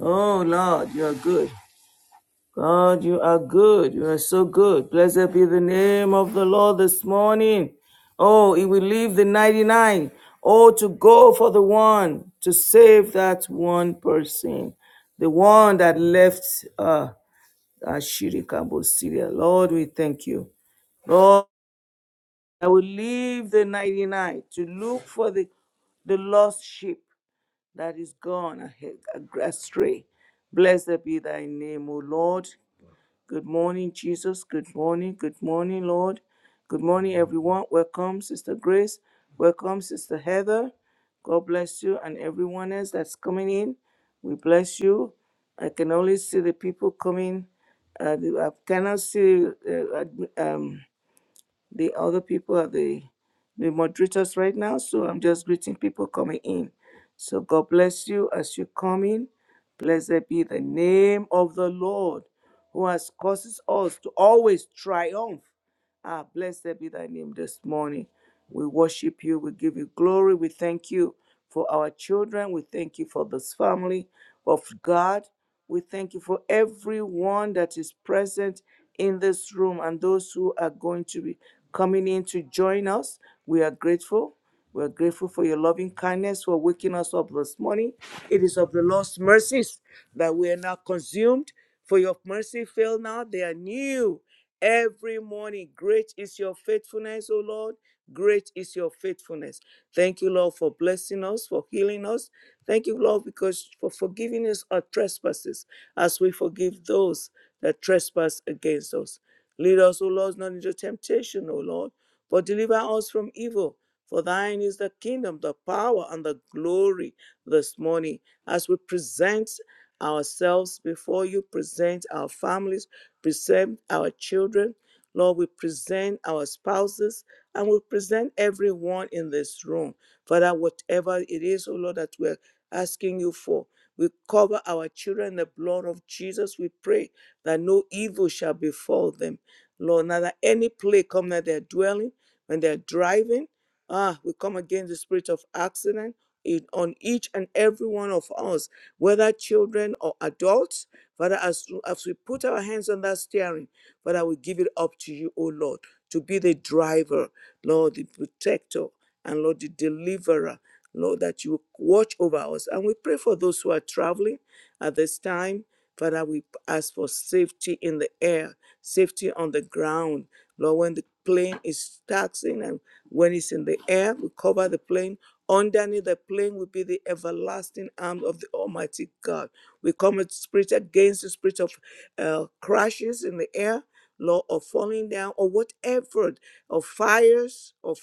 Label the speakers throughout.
Speaker 1: Oh Lord, you are good. God, you are good. You are so good. Blessed be the name of the Lord this morning. Oh, he will leave the 99. Oh, to go for the one, to save that one person, the one that left uh, Ashirikabo Syria. Lord, we thank you. Lord, I will leave the 99 to look for the, the lost sheep that is gone ahe- astray. Blessed be thy name, O Lord. Good morning, Jesus. Good morning. Good morning, Lord. Good morning, everyone. Welcome, Sister Grace. Welcome, Sister Heather. God bless you and everyone else that's coming in. We bless you. I can only see the people coming. Uh, the- I cannot see uh, admi- um, the other people are the, the moderators right now, so I'm just greeting people coming in. So God bless you as you come in. Blessed be the name of the Lord who has causes us to always triumph Ah, blessed be thy name this morning. We worship you. We give you glory. We thank you for our children. We thank you for this family of God. We thank you for everyone that is present in this room and those who are going to be coming in to join us. We are grateful. We're grateful for your loving kindness for waking us up this morning. It is of the Lord's mercies that we are not consumed, for your mercy fail not. They are new every morning. Great is your faithfulness, O Lord. Great is your faithfulness. Thank you, Lord, for blessing us, for healing us. Thank you, Lord, because for forgiving us our trespasses as we forgive those that trespass against us. Lead us, O Lord, not into temptation, O Lord, but deliver us from evil. For thine is the kingdom, the power, and the glory this morning. As we present ourselves before you, present our families, present our children, Lord, we present our spouses, and we present everyone in this room. Father, whatever it is, O Lord, that we're asking you for, we cover our children in the blood of Jesus, we pray that no evil shall befall them. Lord, now that any plague come that they are dwelling, when they're driving, ah, we come against the spirit of accident in, on each and every one of us, whether children or adults. Father, as, as we put our hands on that steering, Father, we give it up to you, O Lord, to be the driver, Lord, the protector, and Lord, the deliverer. Lord, that you watch over us. And we pray for those who are traveling at this time Father, we ask for safety in the air, safety on the ground. Lord, when the plane is taxing and when it's in the air, we cover the plane. Underneath the plane will be the everlasting arm of the Almighty God. We come with spirit against the spirit of uh, crashes in the air, Lord, or falling down, or whatever, of fires, of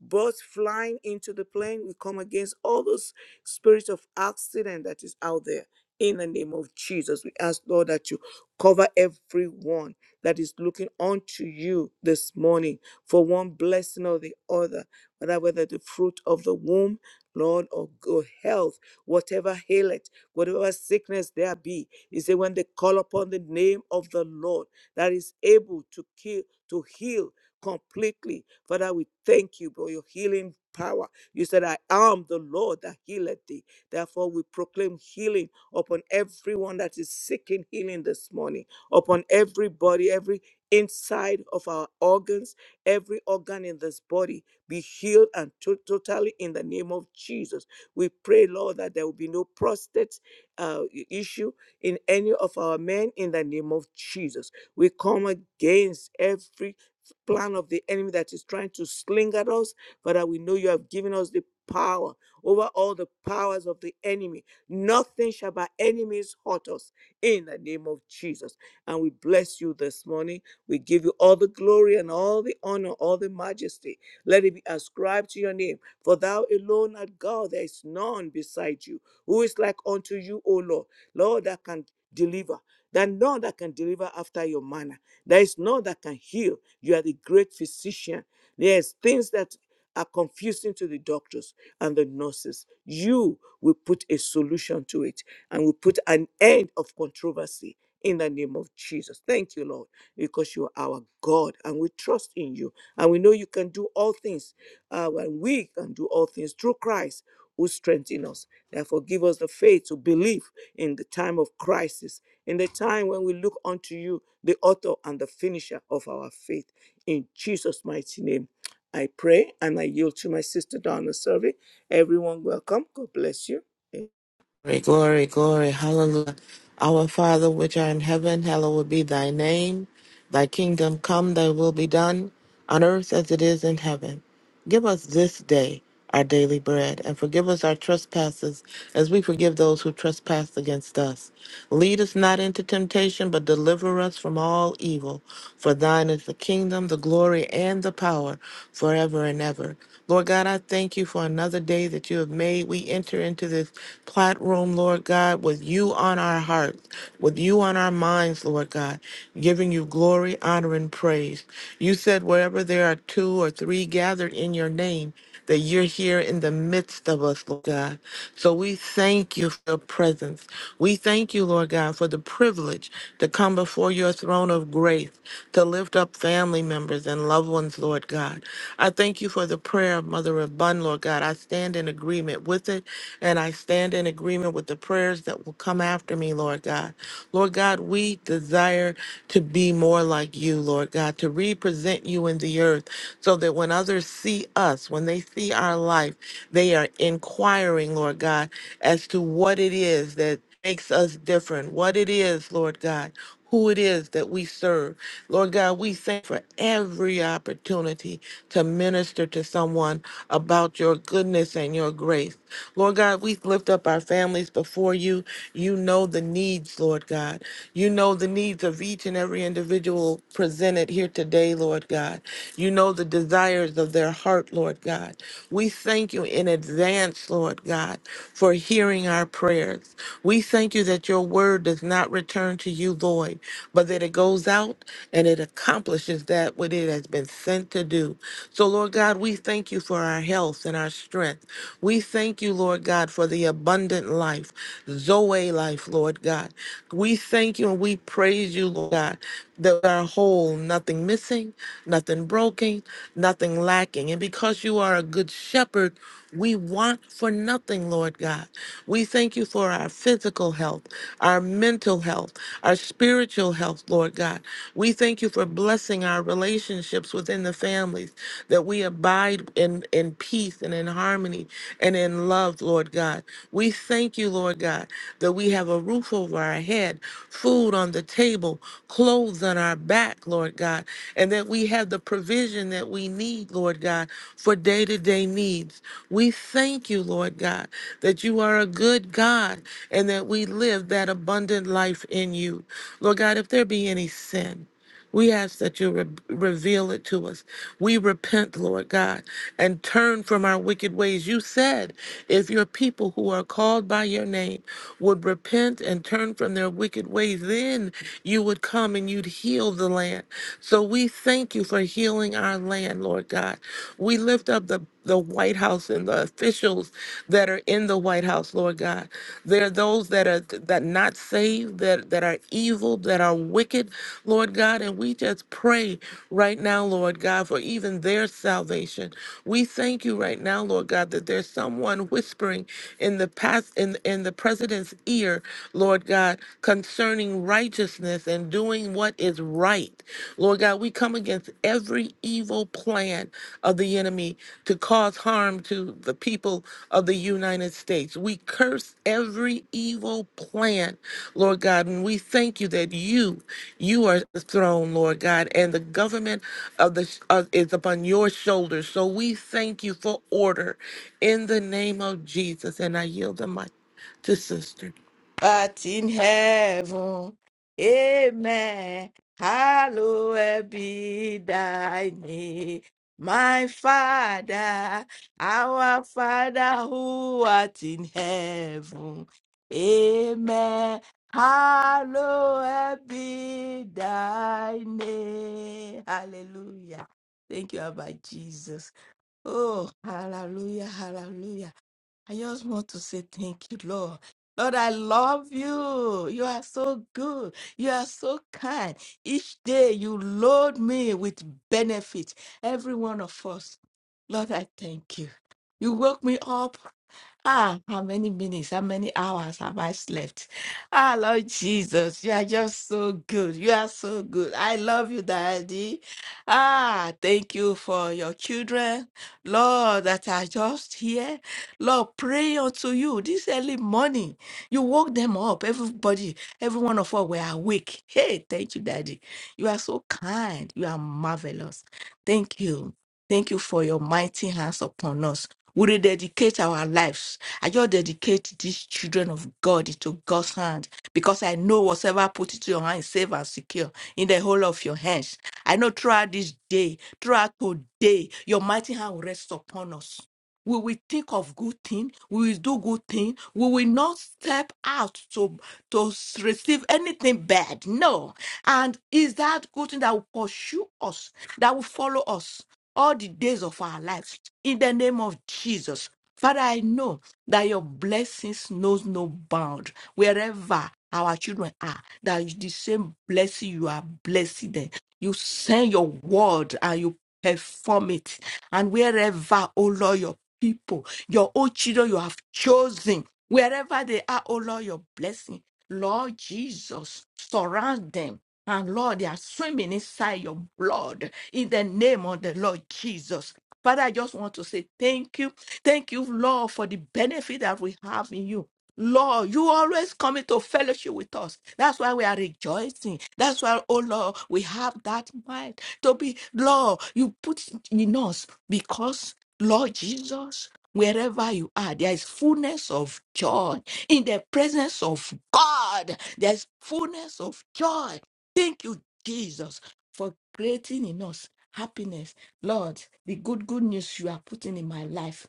Speaker 1: birds flying into the plane. We come against all those spirits of accident that is out there. In the name of Jesus, we ask, Lord, that you cover everyone that is looking unto you this morning for one blessing or the other, whether whether the fruit of the womb, Lord, or good health, whatever ailment, whatever sickness there be. You say when they call upon the name of the Lord that is able to kill, to heal completely. Father, we thank you for your healing power. You said, I am the Lord that healeth thee. Therefore, we proclaim healing upon everyone that is seeking healing this morning, upon everybody, every inside of our organs, every organ in this body be healed and to- totally in the name of Jesus. We pray, Lord, that there will be no prostate uh, i- issue in any of our men in the name of Jesus. We come against every plan of the enemy that is trying to sling at us, but that we know you have given us the power over all the powers of the enemy Nothing shall by enemies hurt us in the name of Jesus. And we bless you this morning. We give you all the glory and all the honor, all the majesty. Let it be ascribed to your name. For thou alone art God, there is none beside you. Who is like unto you, O Lord? Lord, that can deliver. That none that can deliver after your manner. There is none that can heal. You are the great physician. There's things that are confusing to the doctors and the nurses. You will put a solution to it and will put an end of controversy in the name of Jesus. Thank you, Lord, because you are our God and we trust in you. And we know you can do all things. Uh, and we can do all things through Christ who strengthens us. Therefore, give us the faith to believe in the time of crisis, in the time when we look unto you, the author and the finisher of our faith. In Jesus' mighty name. I pray and I yield to my sister Donna Survey. Everyone, welcome. God bless you. Eh,
Speaker 2: Glory, glory, glory, hallelujah. Our Father which art in heaven, hallowed be thy name. Thy kingdom come, thy will be done on earth as it is in heaven. Give us this day our daily bread, and forgive us our trespasses as we forgive those who trespass against us. Lead us not into temptation, but deliver us from all evil. For thine is the kingdom, the glory, and the power forever and ever. Lord God, I thank you for another day that you have made. We enter into this platform, Lord God, with you on our hearts, with you on our minds, Lord God, giving you glory, honor, honor, and praise. You said, wherever there are two or three gathered in your name, that you're here in the midst of us, Lord God. So we thank you for your presence. We thank you, Lord God, for the privilege to come before your throne of grace, to lift up family members and loved ones, Lord God. I thank you for the prayer of Mother Abund, Lord God. I stand in agreement with it, and I stand in agreement with the prayers that will come after me, Lord. Lord God. Lord God, we desire to be more like you, Lord God, to represent you in the earth so that when others see us, when they see our life, they are inquiring, Lord God, as to what it is that makes us different, what it is, Lord God, who it is that we serve. Lord God, we thank you for every opportunity to minister to someone about your goodness and your grace. Lord God, we lift up our families before you. You know the needs, Lord God. You know the needs of each and every individual presented here today, Lord God. You know the desires of their heart, Lord God. We thank you in advance, Lord God, for hearing our prayers. We thank you that your word does not return to you void, but that it goes out and it accomplishes that what it has been sent to do. So, Lord God, we thank you for our for our health and our strength. We thank you, Lord God, for the abundant life, Zoe life, Lord God. We thank you and we praise you, Lord God, that we are whole, nothing missing, nothing broken, nothing lacking. And because you are a good shepherd, we want for nothing, Lord God. We thank you for our physical health, our mental health, our spiritual health, Lord God. We thank you for blessing our relationships within the in the families, that we abide in, in peace and in harmony and in love, Lord God. We thank you, Lord God, that we have a roof over our head, food on the table, clothes on our back, Lord God, and that we have the provision that we need, Lord God, for day to day needs. We thank you, Lord God, that you are a good God and that we live that abundant life in you. Lord God, if there be any sin, we ask that you re- reveal it to us. We repent, Lord God, and turn from our wicked ways. You said if your people who are called by your name would repent and turn from their wicked ways, then you would come and you'd heal the land. So we thank you for healing our land, Lord God. We lift up the the White House and the officials that are in the White House house, Lord God. There are those that are that not saved, that that are evil, that are wicked, Lord God, and we just pray right now, Lord God, for even their salvation. We thank you right now, Lord God, that there's someone whispering in the past in in the president's ear, Lord God, concerning righteousness and doing what is right. Lord God, we come against every evil plan of the enemy to cause harm to the people of the United States. We curse every evil plan, Lord God, and we thank you that you, you are the throne, Lord God, and the government of the uh, is upon your shoulders. So we thank you for order in the name of Jesus, and I yield the mic to sister.
Speaker 3: But in heaven. Amen. Hallowed be thy name. My Father, our Father who art in heaven. Amen. Hallowed be thy name. Hallelujah. Thank you, Abba Jesus. Oh, hallelujah, hallelujah. I just want to say thank you, Lord. Lord, I love you. You are so good. You are so kind. Each day you load me with benefit, every one of us. Lord, I thank you. You woke me up Ah, how many minutes, how many hours have I slept? Ah, Lord Jesus, you are just so good. You are so good. I love you, Daddy. Ah, thank you for your children, Lord, that are just here. Lord, pray unto you this early morning. You woke them up. Everybody, every one of us were awake. Hey, thank you, Daddy. You are so kind. You are marvelous. Thank you. Thank you for your mighty hands upon us. We rededicate our lives. I just dedicate these children of God into God's hand because I know whatever I put into your hand is safe and secure in the whole of your hands. I know throughout this day, throughout today, your mighty hand will rest upon us. We will think of good thing. We will do good thing. We will not step out to, to s- receive anything bad. No. And is that good thing that will pursue us, that will follow us? all the days of our lives in the name of Jesus. Father, I know that your blessings knows no bound. Wherever our children are, that is the same blessing you are blessing them. You send your word and you perform it. And wherever, oh Lord, your people, your own children you have chosen, wherever they are, oh Lord, your blessing. Lord Jesus, surround them and Lord, they are swimming inside your blood in the name of the Lord Jesus. Father, I just want to say thank you. Thank you, Lord, for the benefit that we have in you. Lord, you always come into fellowship with us. That's why we are rejoicing. That's why, oh Lord, we have that mind to be, Lord, you put in us because, Lord Jesus, wherever you are, there is fullness of joy. In the presence of God, there is fullness of joy Thank you, Jesus, for creating in us happiness. Lord, the good, good news you are putting in my life.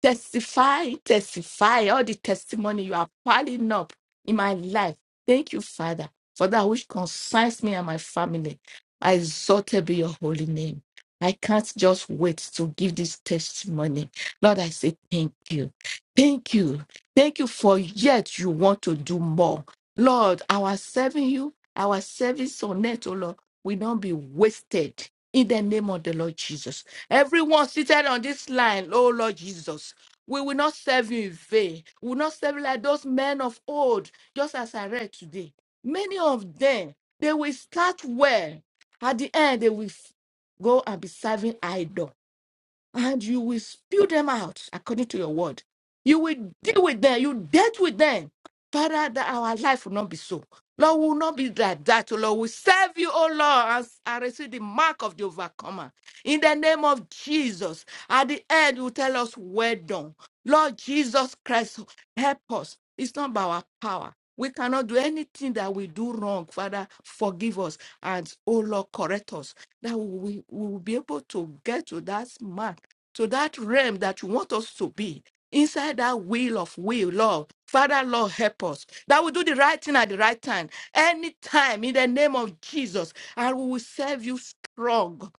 Speaker 3: Testify, testify, all the testimony you are piling up in my life. Thank you, Father, for that which concerns me and my family. I exalted be your holy name. I can't just wait to give this testimony. Lord, I say thank you. Thank you. Thank you for yet you want to do more. Lord, our serving you, our service on earth, oh Lord, will not be wasted in the name of the Lord Jesus. Everyone seated on this line, oh Lord Jesus, we will not serve you in vain. We will not serve you like those men of old, just as I read today. Many of them, they will start well. At the end, they will f- go and be serving idol and you will spew them out according to your word. You will deal with them. You dealt with them. Father, that our life will not be so. Lord, we will not be like that. O Lord, we serve you, O Lord, As I receive the mark of the overcomer. In the name of Jesus, at the end, you tell us, well done. Lord Jesus Christ, help us. It's not by our power. We cannot do anything that we do wrong. Father, forgive us. And, O Lord, correct us. That we we will be able to get to that mark to that realm that you want us to be, inside that will of will, Lord. Father, Lord, help us. That we do the right thing at the right time, anytime in the name of Jesus, and we will serve you strong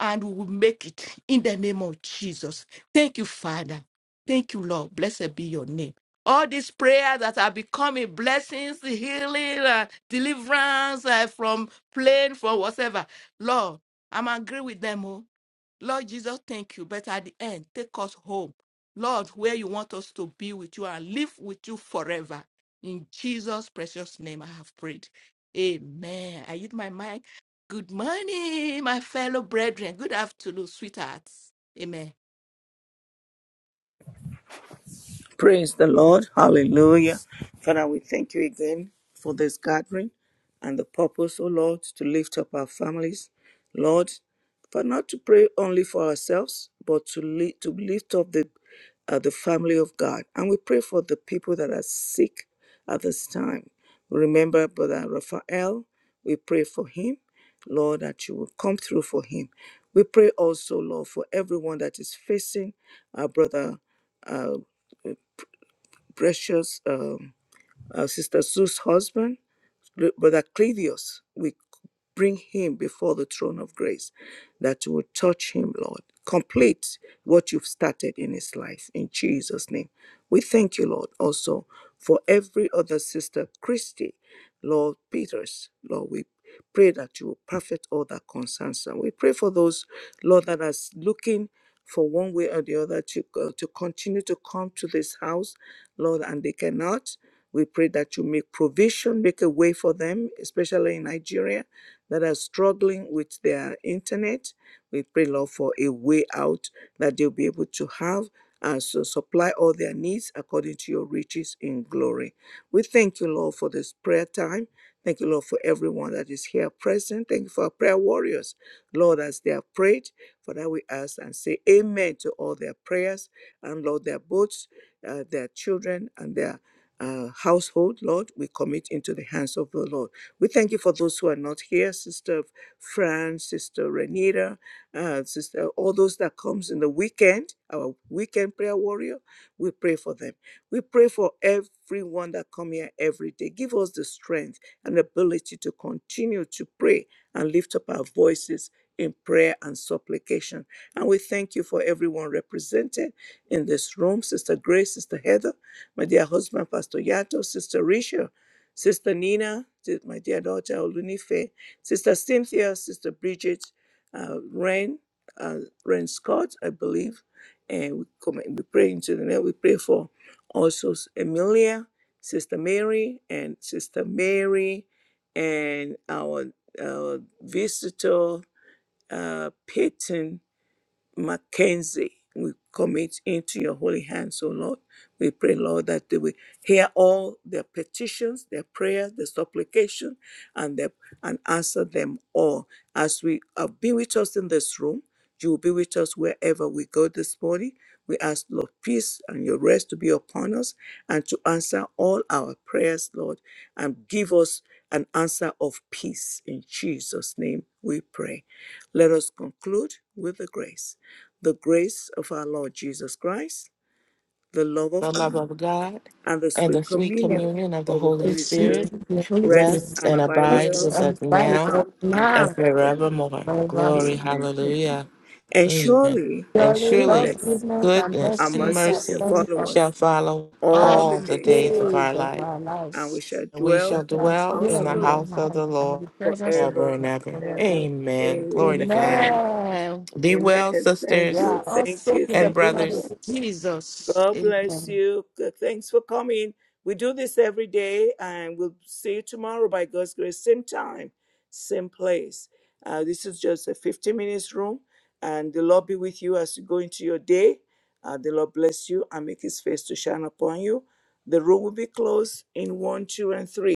Speaker 3: and we will make it in the name of Jesus. Thank you, Father. Thank you, Lord. Blessed be your name. All these prayers that are becoming blessings, healing, uh, deliverance uh, from pain, from whatever. Lord, I'm angry with them. Oh. Lord Jesus, thank you. But at the end, take us home. Lord, where you want us to be with you and live with you forever. In Jesus' precious name, I have prayed. Amen. I yield my mic. Good morning, my fellow brethren. Good afternoon, sweethearts. Amen.
Speaker 1: Praise the Lord. Hallelujah. Father, we thank you again for this gathering and the purpose, oh Lord, to lift up our families. Lord, for not to pray only for ourselves, but to, li- to lift up the, uh, the family of God. And we pray for the people that are sick at this time. We Remember Brother Raphael, we pray for him. Lord, that you will come through for him. We pray also, Lord, for everyone that is facing our brother uh, precious um, uh, Sister Sue's husband, Br- Brother Clevius. We bring him before the throne of grace that you would touch him, Lord. Complete what you've started in his life in Jesus' name. We thank you, Lord, also for every other sister, Christy, Lord Peters, Lord, we pray that you will perfect all that concerns them. We pray for those, Lord, that are looking for one way or the other to, uh, to continue to come to this house, Lord, and they cannot. We pray that you make provision, make a way for them, especially in Nigeria that are struggling with their internet. We pray, Lord, for a way out that they'll be able to have and so supply all their needs according to your riches in glory. We thank you, Lord, for this prayer time. Thank you, Lord, for everyone that is here present. Thank you for our prayer warriors, Lord, as they have prayed. For that we ask and say amen to all their prayers and, Lord, their boats, uh, their children, and their uh, household, Lord, we commit into the hands of the Lord. We thank you for those who are not here, Sister Fran, Sister Renita, uh, Sister, all those that comes in the weekend, our weekend prayer warrior. We pray for them. We pray for everyone that come here every day. Give us the strength and ability to continue to pray and lift up our voices in prayer and supplication. And we thank you for everyone represented in this room, Sister Grace, Sister Heather my dear husband, Pastor Yato, Sister Risha, Sister Nina, si, my dear daughter, Olunife, Sister Cynthia, Sister Bridget, uh, Ren, uh, Ren Scott, I believe. And we, come, we pray into the name. We pray for also S- Emilia, Sister Mary, and Sister Mary, and our uh, visitor, uh, Peyton, Mackenzie, we commit into your holy hands, O Lord. We pray, Lord, that they will hear all their petitions, their prayers, their supplication, and their, and answer them all. As we uh, be with us in this room, you will be with us wherever we go this morning. We ask, Lord, peace and your rest to be upon us and to answer all our prayers, Lord, and give us an answer of peace. In Jesus' name we pray. Let us conclude with the grace the grace of our Lord Jesus Christ, the love of
Speaker 2: the
Speaker 1: God,
Speaker 2: love of God
Speaker 1: and the
Speaker 2: and the
Speaker 1: sweet
Speaker 2: sweet
Speaker 1: communion
Speaker 2: communion of the
Speaker 1: of the
Speaker 2: Holy
Speaker 3: In
Speaker 1: Holy
Speaker 3: Jesus'
Speaker 2: Spirit
Speaker 1: Spirit
Speaker 3: name, Holy
Speaker 1: rest
Speaker 2: rest
Speaker 3: Spirit,
Speaker 1: and
Speaker 2: and
Speaker 1: abide with
Speaker 3: touch
Speaker 2: abide with
Speaker 1: us
Speaker 3: and
Speaker 2: us
Speaker 3: fight
Speaker 2: now
Speaker 3: us
Speaker 1: now and
Speaker 2: and
Speaker 3: now.
Speaker 1: forevermore.
Speaker 2: forevermore.
Speaker 3: Forever.
Speaker 2: Glory,
Speaker 1: Amen. Amen.
Speaker 2: hallelujah.
Speaker 1: And
Speaker 2: Amen.
Speaker 1: surely
Speaker 2: And
Speaker 3: Surely God's
Speaker 2: surely
Speaker 1: goodness
Speaker 3: goodness and
Speaker 2: goodness
Speaker 1: and
Speaker 2: and
Speaker 3: blessings
Speaker 1: mercy
Speaker 3: that
Speaker 1: shall
Speaker 2: mercy
Speaker 3: follow
Speaker 1: follow
Speaker 3: us
Speaker 1: us
Speaker 2: shall follow
Speaker 3: all
Speaker 1: all the
Speaker 2: all
Speaker 3: the
Speaker 2: the
Speaker 1: days of
Speaker 2: days of
Speaker 1: our
Speaker 2: our
Speaker 1: life,
Speaker 3: days of
Speaker 2: life.
Speaker 3: our lives.
Speaker 1: and we shall
Speaker 2: And we
Speaker 1: dwell
Speaker 2: shall
Speaker 3: That's
Speaker 1: in
Speaker 3: why
Speaker 1: the
Speaker 3: I'm
Speaker 2: dwell
Speaker 1: house
Speaker 2: in
Speaker 1: of
Speaker 2: the
Speaker 1: the
Speaker 3: in
Speaker 1: Lord
Speaker 2: house
Speaker 3: the
Speaker 2: of
Speaker 3: house.
Speaker 2: the
Speaker 3: And
Speaker 2: Lord
Speaker 3: the presence of
Speaker 2: forever
Speaker 1: forever
Speaker 2: and
Speaker 3: the
Speaker 2: ever.
Speaker 1: and
Speaker 3: Lord.
Speaker 1: ever.
Speaker 2: Amen. Glory to God.
Speaker 1: Amen.
Speaker 3: Amen.
Speaker 2: Be well,
Speaker 1: Amen. Thank
Speaker 3: We
Speaker 2: sisters
Speaker 1: you.
Speaker 3: are all
Speaker 1: Thank you.
Speaker 3: soaked in the
Speaker 2: and
Speaker 1: Thank
Speaker 3: blood of
Speaker 2: brothers.
Speaker 1: you.
Speaker 3: Jesus.
Speaker 1: God bless
Speaker 3: Amen.
Speaker 1: you. Good- Thanks for coming. We do this every day, and we'll see you tomorrow by God's grace. Same time, same place. Uh, this is just a 15 minutes room, and the Lord be with you as you go into your day. Uh, the Lord bless you and make his face to shine upon you. The room will be closed in one, two, and three.